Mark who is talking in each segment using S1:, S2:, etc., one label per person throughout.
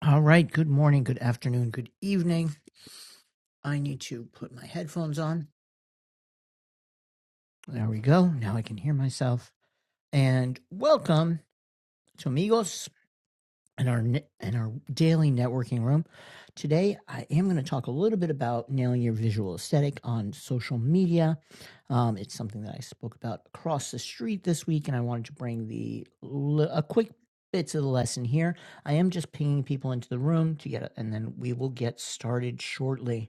S1: All right. Good morning, good afternoon, good evening. I need to put my headphones on. There we go. Now I can hear myself. And welcome to Amigos and our ne- and our daily networking room. Today, I am going to talk a little bit about nailing your visual aesthetic on social media. Um, it's something that I spoke about across the street this week, and I wanted to bring the le- a quick bits of the lesson here. I am just pinging people into the room to get, and then we will get started shortly.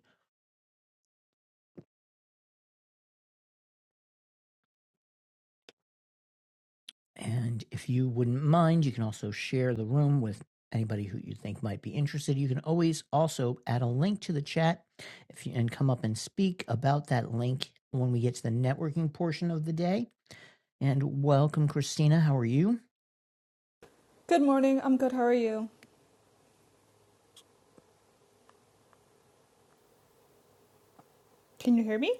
S1: And if you wouldn't mind, you can also share the room with anybody who you think might be interested. You can always also add a link to the chat if you, and come up and speak about that link when we get to the networking portion of the day. And welcome, Christina. How are you?
S2: Good morning. I'm good. How are you? Can you hear me?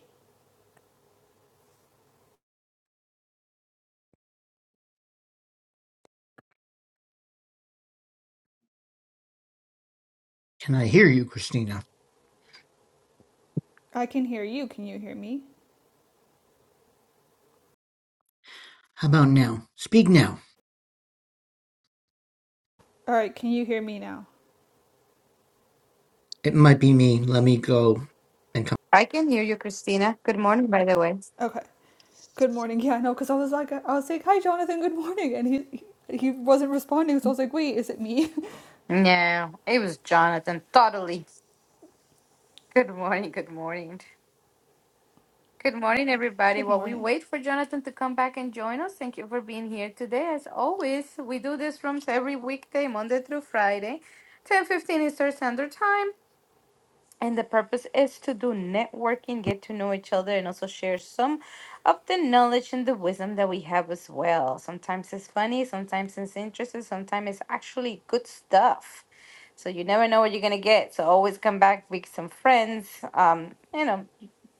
S1: Can I hear you, Christina?
S2: I can hear you. Can you hear me?
S1: How about now? Speak now.
S2: All right. Can you hear me now?
S1: It might be me. Let me go and come.
S3: I can hear you, Christina. Good morning, by the way.
S2: Okay. Good morning. Yeah, I know. Cause I was like, I was like, hi, Jonathan. Good morning. And he he wasn't responding. So I was like, wait, is it me?
S3: No, it was Jonathan. Totally. Good morning. Good morning. Good morning, everybody.
S2: good
S3: While we
S2: morning.
S3: wait for Jonathan to come back and join us, thank you for being here today. As always, we do these rooms every weekday, Monday through Friday, ten fifteen Eastern Standard Time. And the purpose is to do networking, get to know each other, and also share some of the knowledge and the wisdom that we have as well. Sometimes it's funny, sometimes it's interesting, sometimes it's actually good stuff. So you never know what you're gonna get. So always come back with some friends. Um, you know,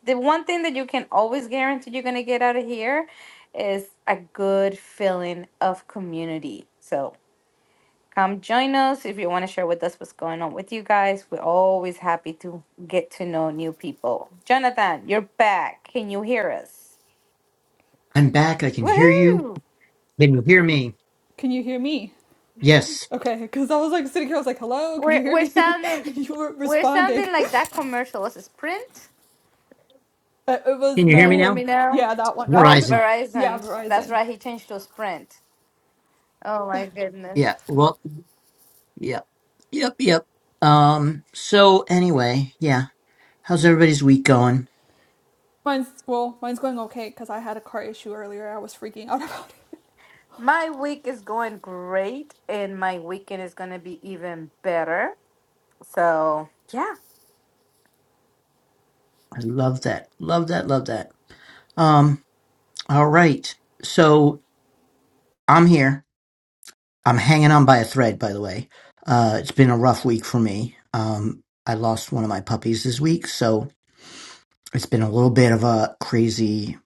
S3: the one thing that you can always guarantee you're gonna get out of here is a good feeling of community. So Come join us if you want to share with us what's going on with you guys. We're always happy to get to know new people. Jonathan, you're back. Can you hear us?
S1: I'm back. I can hear you.
S3: Woohoo!
S1: Can you hear me?
S2: Can you hear me?
S1: Yes.
S2: Okay. Cause I was like sitting here. I was like, hello. Can
S3: We're
S2: you hear
S3: we're
S2: me?
S3: sounding
S2: you weren't
S3: we're
S2: responding.
S3: sounding like that commercial. Was it Sprint?
S2: But it was
S1: Can you
S3: Can
S1: hear
S3: you
S1: me
S3: hear
S2: no.
S3: me
S1: now?
S3: now?
S2: Yeah, that one. I
S3: Oh,
S2: couldn't.
S1: Verizon.
S2: uh, Yeah,
S3: Verizon. That's
S2: Verizon.
S3: right. He changed to Sprint. Oh my goodness.
S1: Yeah. Well, Yep. Yep. Yep. Um, so anyway, yeah. How's everybody's week going?
S2: Mine's well, mine's going okay because I had a car issue earlier. I was freaking out about it.
S3: My week is going great, and my weekend is going to be even better. So, yeah,
S1: I love that. Love that. Love that. Um, all right. So I'm here. I'm hanging on by a thread, by the way. Uh, it's been a rough week for me. Um, I lost one of my puppies this week, so it's been a little bit of a crazy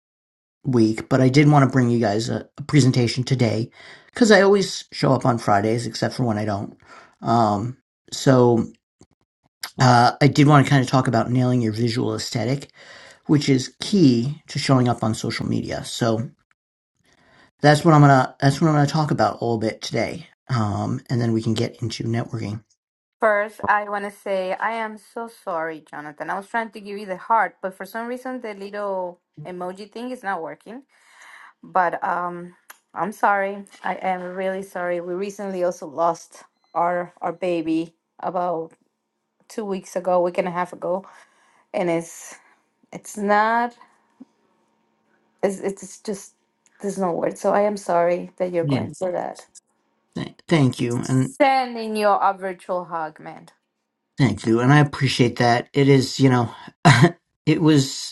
S1: week, but I did want to bring you guys a, a presentation today because I always show up on Fridays, except for when I don't. Um, so Uh, I did want to kind of talk about nailing your visual aesthetic, which is key to showing up on social media. So that's what I'm gonna that's what I'm gonna talk about a little bit today, um, and then we can get into networking.
S3: First, I want to say I am so sorry, Jonathan. I was trying to give you the heart, but for some reason the little emoji thing is not working. But um, I'm sorry. I am really sorry. We recently also lost our our baby about two weeks ago, week and a half ago, and it's it's not. It's it's just there's no word. So I am sorry that you're
S1: Yeah,
S3: going through that.
S1: th- thank you, and
S3: Sending you a virtual hug, man.
S1: thank you, and I appreciate that. It is, you know, it was.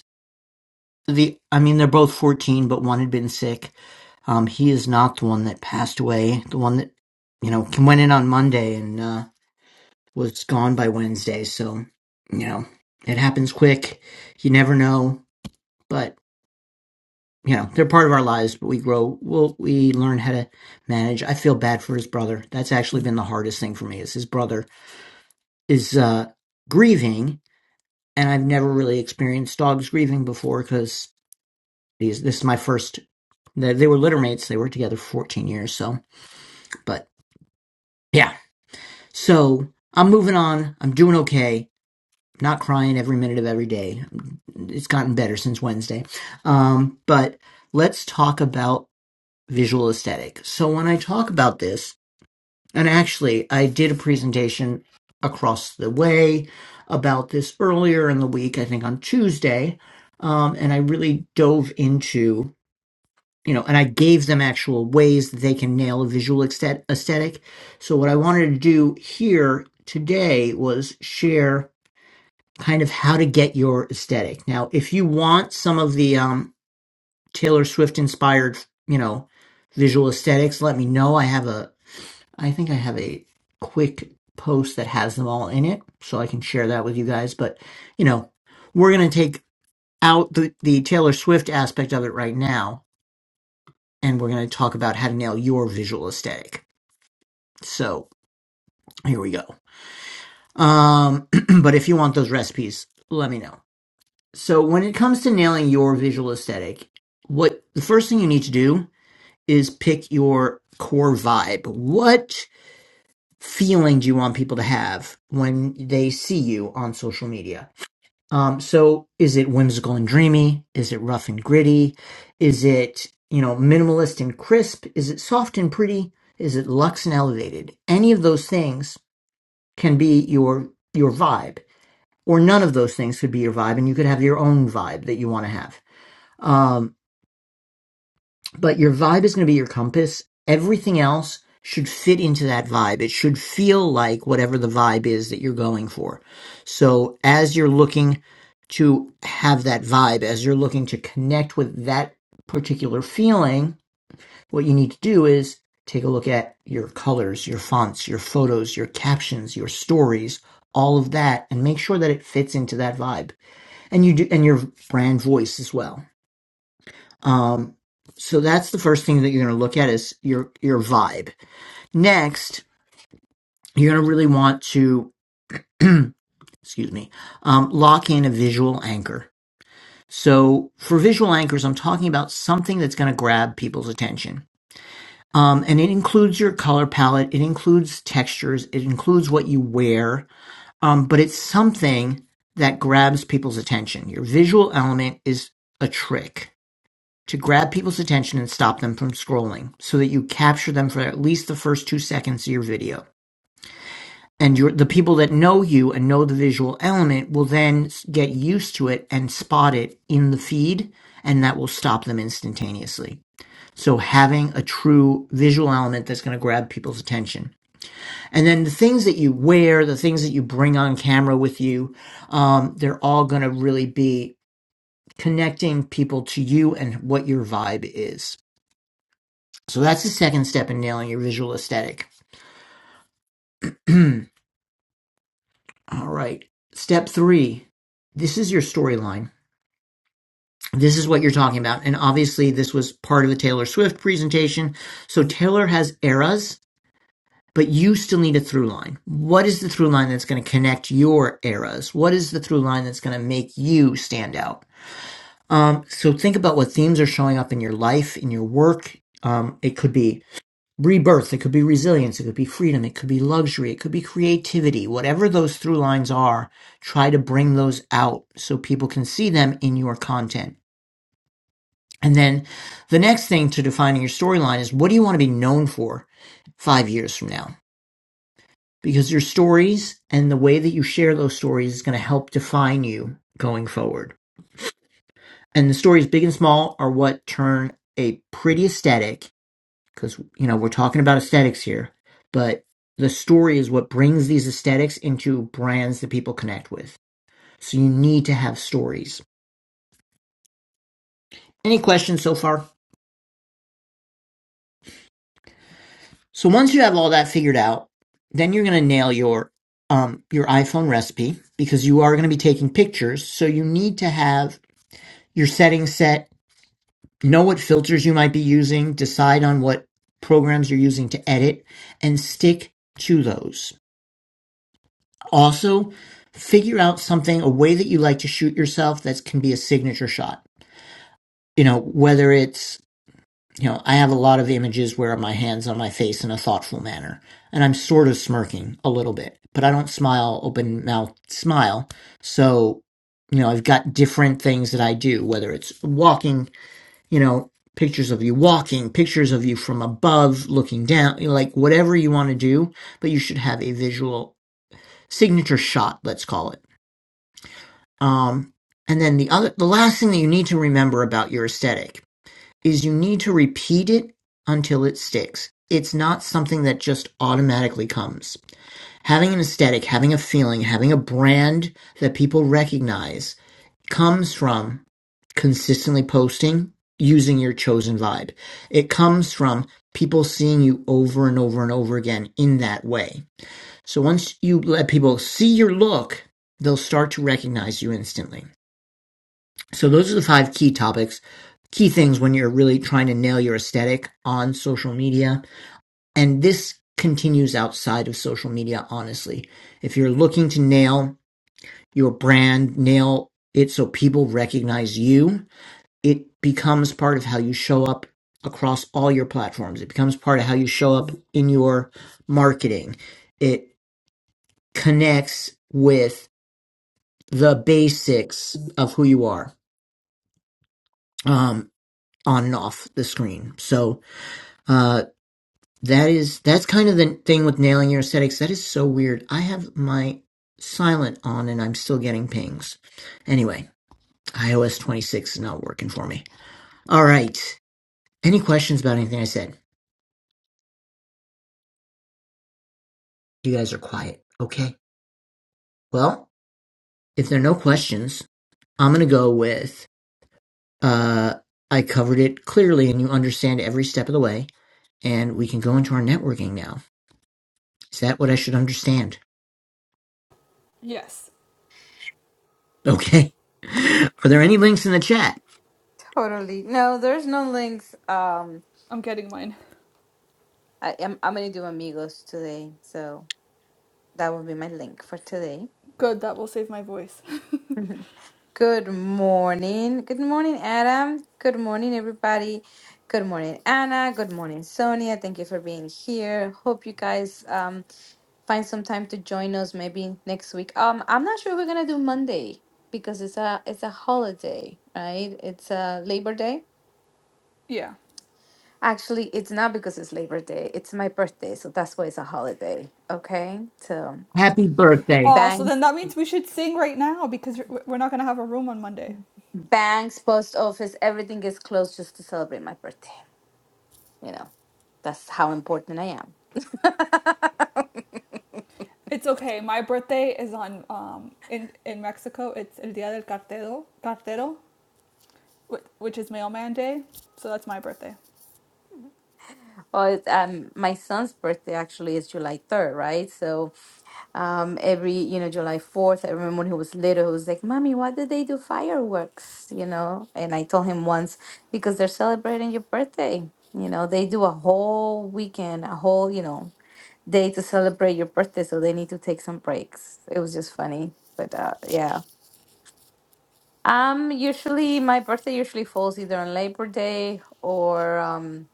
S1: The I mean, they're both 14, but one had been sick. Um, he is not the one that passed away. The one that you know went in on Monday and uh, was gone by Wednesday. So you know, it happens quick. You never know, but you know, they're part of our lives. But we grow. We'll, we learn how to manage. I feel bad for his brother. That's actually been the hardest thing for me. Is his brother is uh, grieving, and I've never really experienced dogs grieving before because. These, this is my first They, they were litter mates. They worked together for 14 years. So, but yeah. So I'm moving on. I'm doing okay. I'm Not crying every minute of every day. It's gotten better since Wednesday. Um, but let's talk about visual aesthetic. So when I talk about this, and actually I did a presentation across the way about this earlier in the week, I think on Tuesday. Um, and I really dove into you know, and I gave them actual ways that they can nail a visual aesthet- aesthetic. So what I wanted to do here today was share kind of how to get your aesthetic. Now, if you want some of the um, Taylor Swift inspired, you know, visual aesthetics, let me know. I have a, I think I have a quick post that has them all in it, so I can share that with you guys. But you know, we're gonna take out the the Taylor Swift aspect of it right now and we're going to talk about how to nail your visual aesthetic. So here we go. Um, but if you want those recipes, let me know. So when it comes to nailing your visual aesthetic, what the first thing you need to do is pick your core vibe. What feeling do you want people to have when they see you on social media? Um, so is it whimsical and dreamy? Is it rough and gritty? Is it, you know, minimalist and crisp? Is it soft and pretty? Is it luxe and elevated? Any of those things can be your your vibe, or none of those things could be your vibe, and you could have your own vibe that you want to have. Um, but your vibe is going to be your compass. Everything else should fit into that vibe. It should feel like whatever the vibe is that you're going for. So as you're looking to have that vibe, as you're looking to connect with that particular feeling, what you need to do is take a look at your colors, your fonts, your photos, your captions, your stories, all of that and make sure that it fits into that vibe. And you do, and your brand voice as well. Um, so that's the first thing that you're going to look at is your your vibe. Next, you're going to really want to excuse me um, lock in a visual anchor. So for visual anchors, I'm talking about something that's going to grab people's attention. Um, and it includes your color palette, it includes textures, it includes what you wear, um, but it's something that grabs people's attention. Your visual element is a trick to grab people's attention and stop them from scrolling so that you capture them for at least the first two seconds of your video. And your, the people that know you and know the visual element will then get used to it and spot it in the feed, and that will stop them instantaneously. So having a true visual element that's going to grab people's attention. And then the things that you wear, the things that you bring on camera with you, um, they're all going to really be connecting people to you and what your vibe is. So that's the second step in nailing your visual aesthetic. All right. Step three this is your storyline. This is what you're talking about. And obviously, this was part of the Taylor Swift presentation. So Taylor has eras, but you still need a through line. What is the through line that's going to connect your eras? What is the through line that's going to make you stand out? Um, so think about what themes are showing up in your life, in your work. Um, it could be rebirth, it could be resilience, it could be freedom, it could be luxury, it could be creativity, whatever those through lines are, try to bring those out so people can see them in your content. And then the next thing to defining your storyline is what do you want to be known for five years from now? Because your stories and the way that you share those stories is going to help define you going forward. And the stories, big and small, are what turn a pretty aesthetic because you know we're talking about aesthetics here but the story is what brings these aesthetics into brands that people connect with so you need to have stories any questions so far so once you have all that figured out then you're going to nail your um, your iphone recipe because you are going to be taking pictures so you need to have your settings set know what filters you might be using decide on what programs you're using to edit and stick to those Also, figure out something, a way that you like to shoot yourself that can be a signature shot. You know, whether it's, you know, I have a lot of images where my hands on my face in a thoughtful manner, and I'm sort of smirking a little bit, but I don't smile open mouth smile. So, you know, I've got different things that I do, whether it's walking, you know, pictures of you walking, pictures of you from above looking down, you know, like whatever you want to do, but you should have a visual signature shot, let's call it Um, and then the other, the last thing that you need to remember about your aesthetic is you need to repeat it until it sticks. It's not something that just automatically comes. Having an aesthetic, having a feeling, having a brand that people recognize comes from consistently posting using your chosen vibe. It comes from people seeing you over and over and over again in that way. So once you let people see your look, they'll start to recognize you instantly. So those are the five key topics, key things when you're really trying to nail your aesthetic on social media. And this continues outside of social media, honestly. If you're looking to nail your brand, nail it so people recognize you, it becomes part of how you show up across all your platforms. It becomes part of how you show up in your marketing. It connects with the basics of who you are um, on and off the screen. So, Uh, that is that's kind of the thing with nailing your aesthetics. That is so weird. I have my silent on and I'm still getting pings. Anyway, iOS 26 is not working for me. All right. Any questions about anything I said? You guys are quiet. Okay. Well, if there are no questions, I'm going to go with uh I covered it clearly and you understand every step of the way and we can go into our networking now. Is that what I should understand?
S2: Yes,
S1: Okay. Are there any links in the chat?
S3: Totally. No, there's no links. Um
S2: I'm getting mine.
S3: I am I'm gonna do amigos today, so that will be my link for today.
S2: Good, that will save my voice.
S3: Good morning. Good morning, Adam. Good morning, everybody. Good morning, Anna. Good morning, Sonia. Thank you for being here. Hope you guys um find some time to join us maybe next week. Um I'm not sure we're gonna do Monday because it's a it's a holiday, right? It's a Labor Day.
S2: yeah.
S3: Actually, it's not because it's Labor Day. It's my birthday, so that's why it's a holiday. Okay? So
S1: Happy birthday.
S2: Oh, so then that
S3: Banks.
S2: means we should sing right now because we're not gonna have a room on Monday.
S3: Banks, post office, everything is closed just to celebrate my birthday. You know, that's how important I am.
S2: It's okay. My birthday is on um in in Mexico. It's El Dia del Cartero, Cartero, which is Mailman Day. So that's my birthday.
S3: well, it's, um, my son's birthday actually is July 3rd, right? So um, every, you know, July 4th, I remember when he was little, he was like, Mommy, why did they do fireworks? You know, and I told him once, because they're celebrating your birthday. You know, they do a whole weekend, a whole, you know, day to celebrate your birthday. So they need to take some breaks. It was just funny. But uh, yeah. Um, usually my birthday usually falls either on Labor Day or um,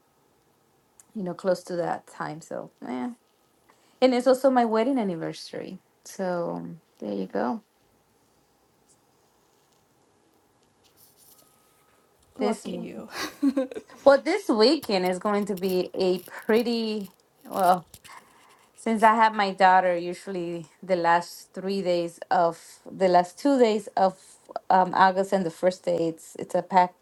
S3: you know, close to that time. So, yeah. And it's also my wedding anniversary. So, um, there you go. This
S2: Lucky
S3: m-
S2: you.
S3: well, this weekend is going to be a pretty well, since I have my daughter, usually the last 3 days of the last 2 days of um August and the first day it's it's a pack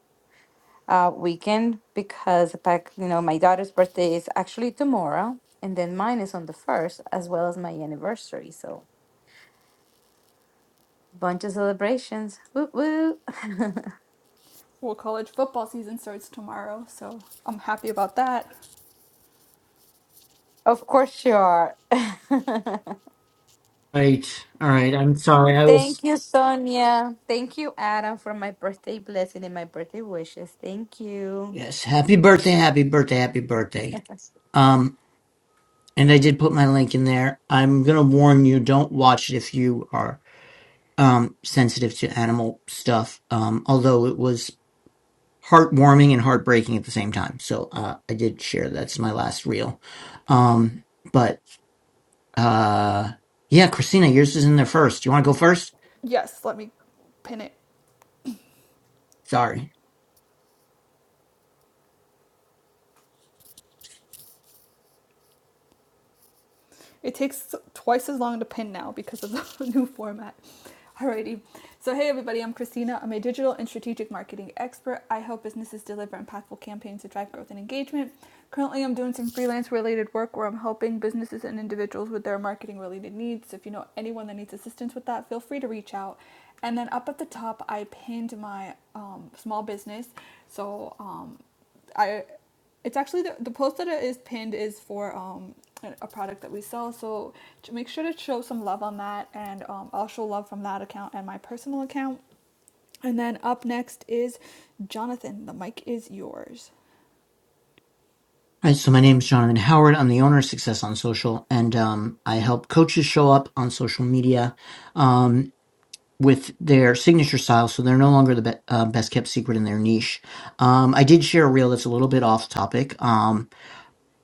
S3: uh, weekend because back, you know, my daughter's birthday is actually tomorrow, and then mine is on the first, as well as my anniversary. So bunch of celebrations. Woo woo.
S2: Well, college football season starts tomorrow, so I'm happy about that.
S3: Of course you are.
S1: Right. All right. I'm sorry. I was
S3: Thank you, Sonia. Thank you, Adam, for my birthday blessing and my birthday wishes. Thank you.
S1: yes. Happy birthday. Happy birthday. Happy birthday. Um, and I did put my link in there. I'm gonna warn you, don't watch it if you are um sensitive to animal stuff. Um, although it was heartwarming and heartbreaking at the same time. So uh I did share that's my last reel. Um, but uh yeah, Christina, yours is in there first. You wanna go first?
S2: Yes, let me pin it.
S1: Sorry.
S2: It takes twice as long to pin now because of the new format. Alrighty. So, hey everybody, I'm Christina. I'm a digital and strategic marketing expert. I help businesses deliver impactful campaigns to drive growth and engagement. Currently, I'm doing some freelance related work where I'm helping businesses and individuals with their marketing related needs. So, If you know anyone that needs assistance with that, feel free to reach out. And then up at the top, I pinned my um, small business. So, um, I it's actually the, the post that it is pinned is for um a product that we sell. So make sure to show some love on that, and um, I'll show love from that account and my personal account. And then up next is Jonathan. The mic is yours.
S1: Hi, so my name is Jonathan Howard. I'm the owner of Success on Social, and um, I help coaches show up on social media um, with their signature style, so they're no longer the be- uh, best kept secret in their niche. Um, I did share a reel that's a little bit off topic, um,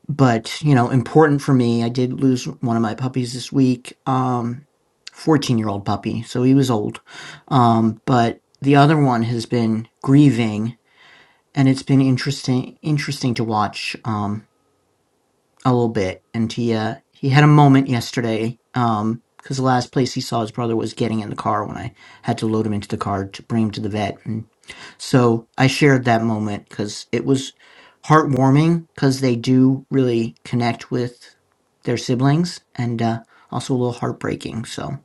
S1: but you know, important for me. I did lose one of my puppies this week, um, 14 year old puppy, so he was old, um, but the other one has been grieving and it's been interesting interesting to watch Um, a little bit, and he uh he had a moment yesterday. Um, because the last place he saw his brother was getting in the car when I had to load him into the car to bring him to the vet, and so I shared that moment because it was heartwarming because they do really connect with their siblings, and uh, also a little heartbreaking. So,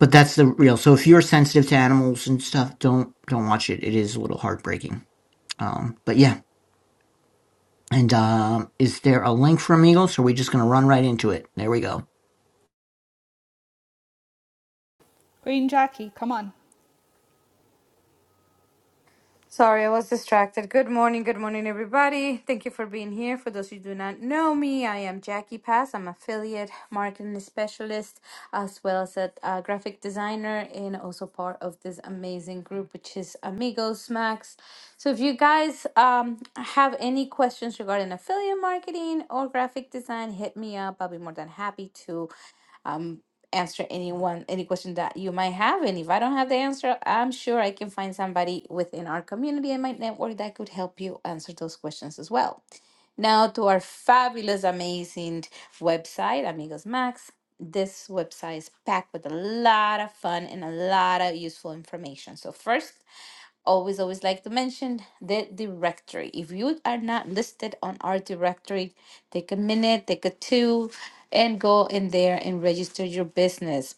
S1: but that's the real. So if you're sensitive to animals and stuff, don't don't watch it. It is a little heartbreaking. Um, but yeah. And um, is there a link from Eagles? Or are we just going to run right into it? There we go.
S2: Wait, and Jackie, come on,
S3: Sorry, I was distracted. Good morning, good morning, everybody. Thank you for being here. For those who do not know me, I am Jackie Pass. I'm affiliate marketing specialist as well as a, uh graphic designer and also part of this amazing group, which is Amigos Max. So if you guys um, have any questions regarding affiliate marketing or graphic design, hit me up. I'll be more than happy to um, answer anyone any question that you might have. And if I don't have the answer, I'm sure I can find somebody within our community and my network that could help you answer those questions as well. Now to our fabulous, amazing website, Amigos Max. This website is packed with a lot of fun and a lot of useful information. So first always always like to mention the directory if you are not listed on our directory take a minute take a two and go in there and register your business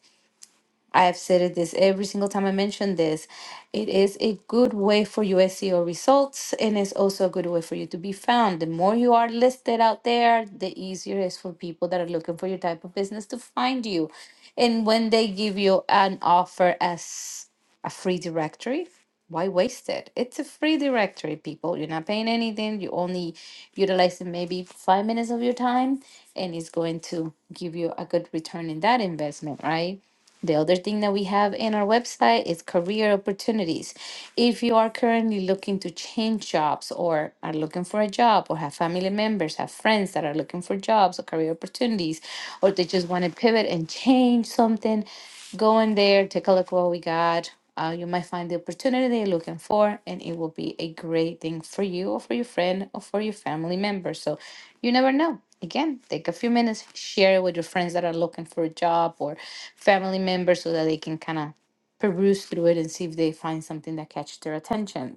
S3: i have said it this every single time i mention this it is a good way for your seo results and it's also a good way for you to be found the more you are listed out there the easier it is for people that are looking for your type of business to find you and when they give you an offer as a free directory why waste it it's a free directory people you're not paying anything you only utilizing maybe five minutes of your time and it's going to give you a good return in that investment right the other thing that we have in our website is career opportunities if you are currently looking to change jobs or are looking for a job or have family members have friends that are looking for jobs or career opportunities or they just want to pivot and change something Go in there, take a look what we got. Uh, you might find the opportunity that you're looking for, and it will be a great thing for you or for your friend or for your family member. So you never know. Again, take a few minutes, share it with your friends that are looking for a job or family members so that they can kind of peruse through it and see if they find something that catches their attention.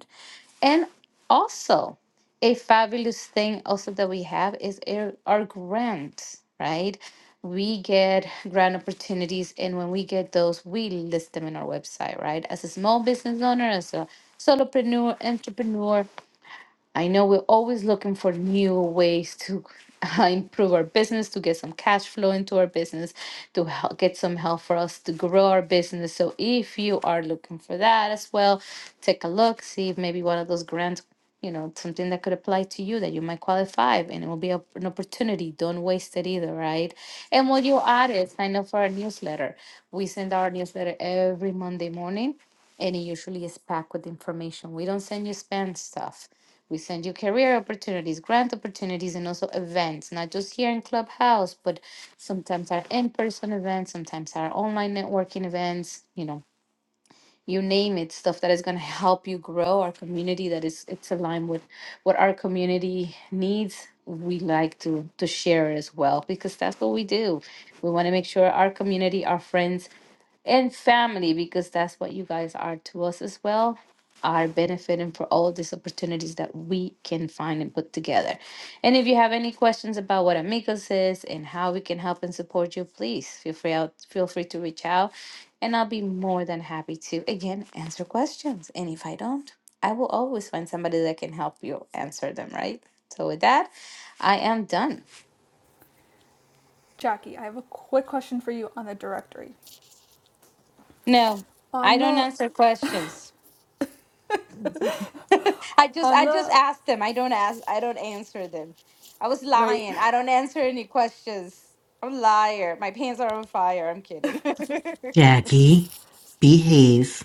S3: And also, a fabulous thing also that we have is our, our grants, right? We get grant opportunities, and when we get those, we list them in our website, right? As a small business owner, as a solopreneur, entrepreneur, I know we're always looking for new ways to improve our business, to get some cash flow into our business, to help get some help for us to grow our business. So if you are looking for that as well, take a look, see if maybe one of those grants, you know, something that could apply to you that you might qualify, and it will be a, an opportunity. Don't waste it either, right? And while you're at it, sign up for our newsletter. We send our newsletter every Monday morning and it usually is packed with information. We don't send you spam stuff. We send you career opportunities, grant opportunities, and also events, not just here in Clubhouse, but sometimes our in person events, sometimes our online networking events, you know, you name it, stuff that is going to help you grow our community that is it's aligned with what our community needs. We like to to share as well because that's what we do. We want to make sure our community, our friends and family because that's what you guys are to us as well are benefiting for all these opportunities that we can find and put together and if you have any questions about what amigos is and how we can help and support you please feel free out feel free to reach out and i'll be more than happy to again answer questions and if i don't i will always find somebody that can help you answer them right so with that i am done
S2: Jackie. I have a quick question for you on the directory.
S3: no i
S2: On
S3: don't
S2: the
S3: answer questions I just
S2: on
S3: I just
S2: the
S3: asked them. I don't ask I don't answer them. I was
S2: right
S3: lying. I don't answer any questions. I'm a liar. My pants are on fire. I'm kidding.
S1: Jackie, behave.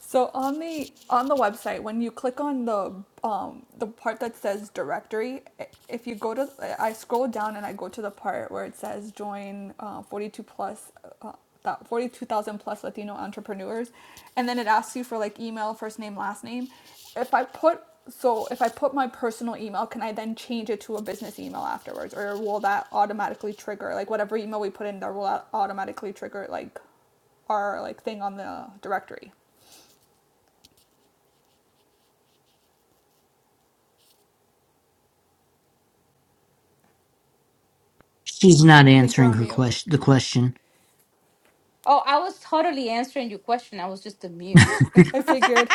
S2: So on the on the website, when you click on the um, the part that says directory, if you go to, I scroll down and I go to the part where it says join uh, 42 plus, uh, that 42,000 plus Latino entrepreneurs, and then it asks you for like email, first name, last name. If I put so if I put my personal email, can I then change it to a business email afterwards, or will that automatically trigger like whatever email we put in there will automatically trigger like our like thing on the directory?
S1: She's not
S2: I think you're
S1: answering
S2: on
S1: her
S2: mute.
S1: question. The question.
S3: oh, I was totally answering your question. I was just a mute.
S2: I figured.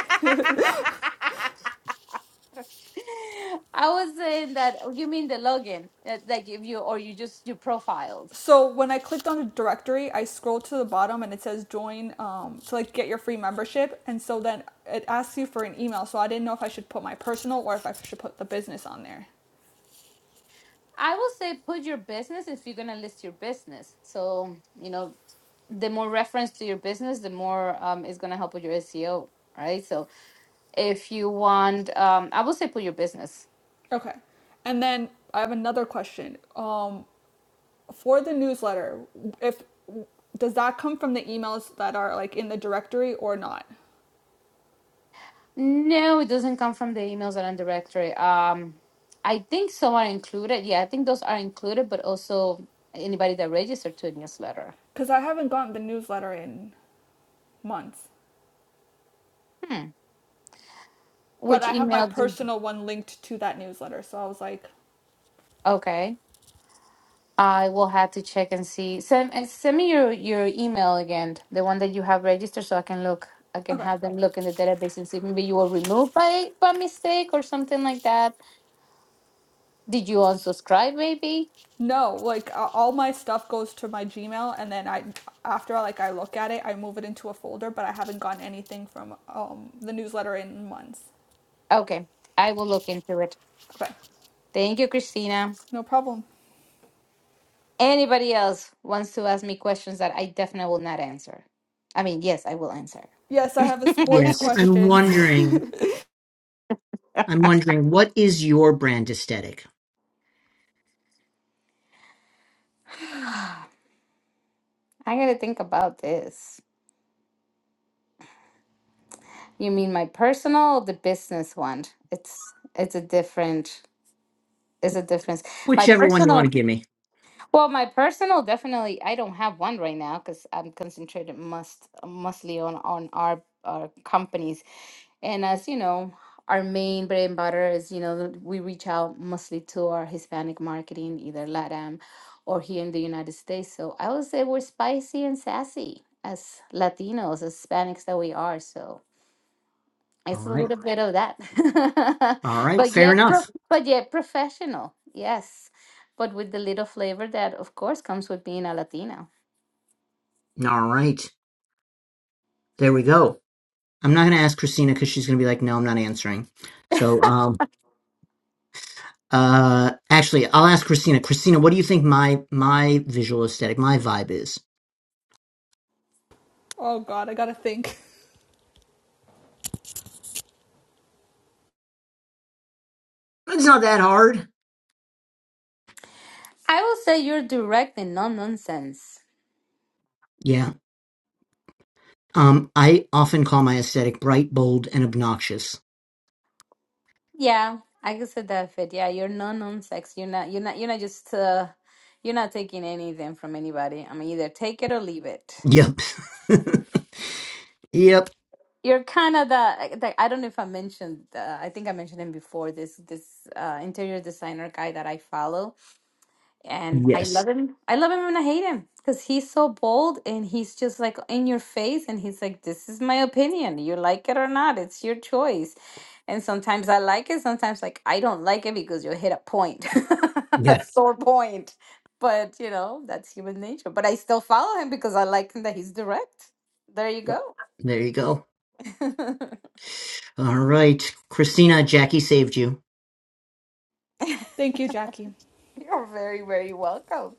S3: I was saying that oh, you mean the login, uh, like if you or you just you profiled.
S2: So when I clicked on the directory, I scrolled to the bottom and it says join um, to like get your free membership. And so then it asks you for an email. So I didn't know if I should put my personal or if I should put the business on there.
S3: I will say put your business if you're gonna list your business. So you know the more reference to your business, the more um, it's going to help with your SEO, right? So if you want, um, I would say put your business.
S2: Okay. And then I have another question. Um, for the newsletter, if does that come from the emails that are like in the directory or not?
S3: No, it doesn't come from the emails and directory. Um, I think some are included. Yeah, I think those are included, but also anybody that registered to a newsletter.
S2: Because I haven't gotten the newsletter in months,
S3: Hmm.
S2: but
S3: Which
S2: I have my
S3: email do?
S2: personal one linked to that newsletter. So I was like,
S3: Okay. I will have to check and see. Send and send me your your email again, the one that you have registered, so I can look. I can
S2: okay.
S3: have them look in the database and see. Maybe you were removed by by mistake or something like that. Did you unsubscribe? Maybe.
S2: No, like a- all my stuff goes to my Gmail, and then I, after like I look at it, I move it into a folder. But I haven't gotten anything from um, the newsletter in months.
S3: Okay, I will look into it.
S2: Okay,
S3: Thank you, Christina.
S2: no problem.
S3: Anybody else wants to ask me questions that I definitely will not answer? I mean, yes, I will answer.
S2: Yes, I have a sports
S1: Yes, I'm
S2: question.
S1: wondering. I'm wondering what is your brand aesthetic?
S3: I gotta think about this. You mean my personal or the business one? It's it's a different it's a difference. My
S1: Whichever one you want
S3: personal
S1: to give me.
S3: well, my personal definitely I don't have one right now because I'm concentrated must mostly on on our our companies. And as you know, our main bread and butter is, you know, we reach out mostly to our Hispanic marketing, either LATAM or here in the United States. So I would say we're spicy and sassy as Latinos, as Hispanics that we are. So
S1: All
S3: it's a
S1: right.
S3: little bit of that,
S1: All right.
S3: but
S1: Fair
S3: yet, pro-
S1: enough.
S3: but yet professional. Yes, but with the little flavor that, of course, comes with being a Latina.
S1: All right. There we go. I'm not going to ask Christina because she's going to be like, no, I'm not answering. So, um, uh, actually, I'll ask Christina. Christina, what do you think my my visual aesthetic, my vibe is?
S2: oh God, I gotta think.
S1: It's not that hard.
S3: I will say you're direct and non nonsense.
S1: Yeah. Um, I often call my aesthetic bright, bold, and obnoxious.
S3: Yeah, I could say that fit. Yeah, you're non nonsense. You're not. You're not. You're not just. Uh, you're not taking anything from anybody. I mean, either take it or leave it.
S1: Yep. yep.
S3: You're kind of the, the. I don't know if I mentioned. Uh, I think I mentioned him before. This this uh, interior designer guy that I follow and I
S1: Yes.
S3: love him. I love him and I hate him because he's so bold and he's just like in your face and he's like, "This is my opinion. You like it or not. It's your choice." And sometimes I like it. Sometimes like I don't like it because you hit a point, a
S1: Yeah.
S3: sore point. But you know that's human nature. But I still follow him because I like him that he's direct. There you
S1: yeah.
S3: go.
S1: There you go. All right. Christina, Jackie saved you.
S2: Thank you, Jackie.
S3: You're very, very welcome.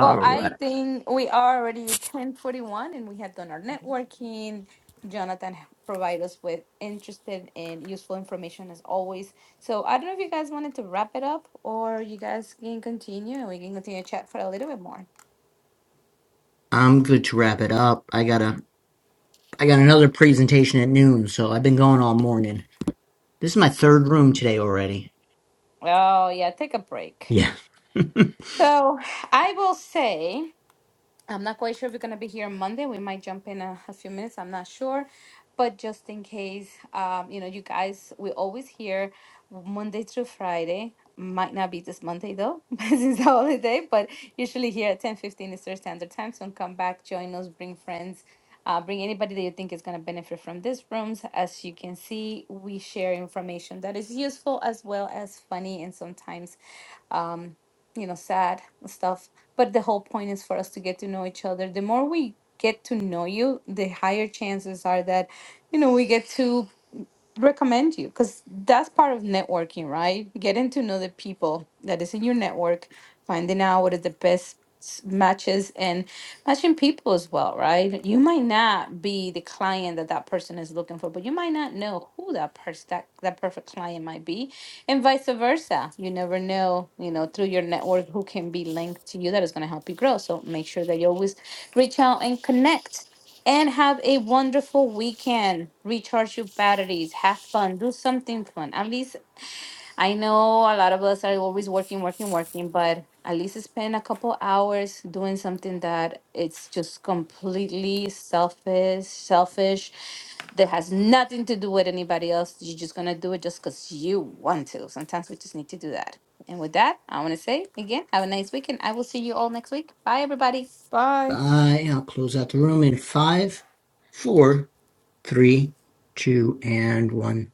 S3: Well,
S1: right.
S3: I think we are already 1041 and we have done our networking. Jonathan provided us with interesting and useful information as always. So I don't know if you guys wanted to wrap it up or you guys can continue and we can continue to chat for a little bit more.
S1: I'm good to wrap it up. I gotta I got another presentation at noon, so I've been going all morning. This is my third room today already.
S3: Oh, yeah, take a break.
S1: Yeah. Bye.
S3: So I will say. I'm not quite sure if we're going to be here Monday. We might jump in a, a few minutes. I'm not sure. But just in case, um, you know, you guys, we're always here Monday through Friday. Might not be this Monday though, because it's the holiday, but usually here at ten fifteen 15 Eastern Standard Time. So come back, join us, bring friends, uh, bring anybody that you think is going to benefit from these rooms. As you can see, we share information that is useful as well as funny and sometimes um, you know, sad and stuff. But the whole point is for us to get to know each other. The more we get to know you, the higher chances are that, you know, we get to recommend you because that's part of networking, right? Getting to know the people that is in your network, finding out what are the best s- matches and matching people as well, right? You might not be the client that that person is looking for, but you might not know who that person that, that perfect client might be, and vice versa. You never know, you know, through your network who can be linked to you that is going to help you grow. So make sure that you always reach out and connect and have a wonderful weekend. Recharge your batteries, have fun, do something fun. At least I know a lot of us are always working, working, working, but at least spend a couple hours doing something that it's just completely selfish, selfish. That has nothing to do with anybody else. You're just gonna do it just because you want to. Sometimes we just need to do that. And with that, I want to say again, have a nice weekend. I will see you all next week. Bye, everybody.
S2: Bye.
S1: I'll close out the room in five, four, three, two, and one.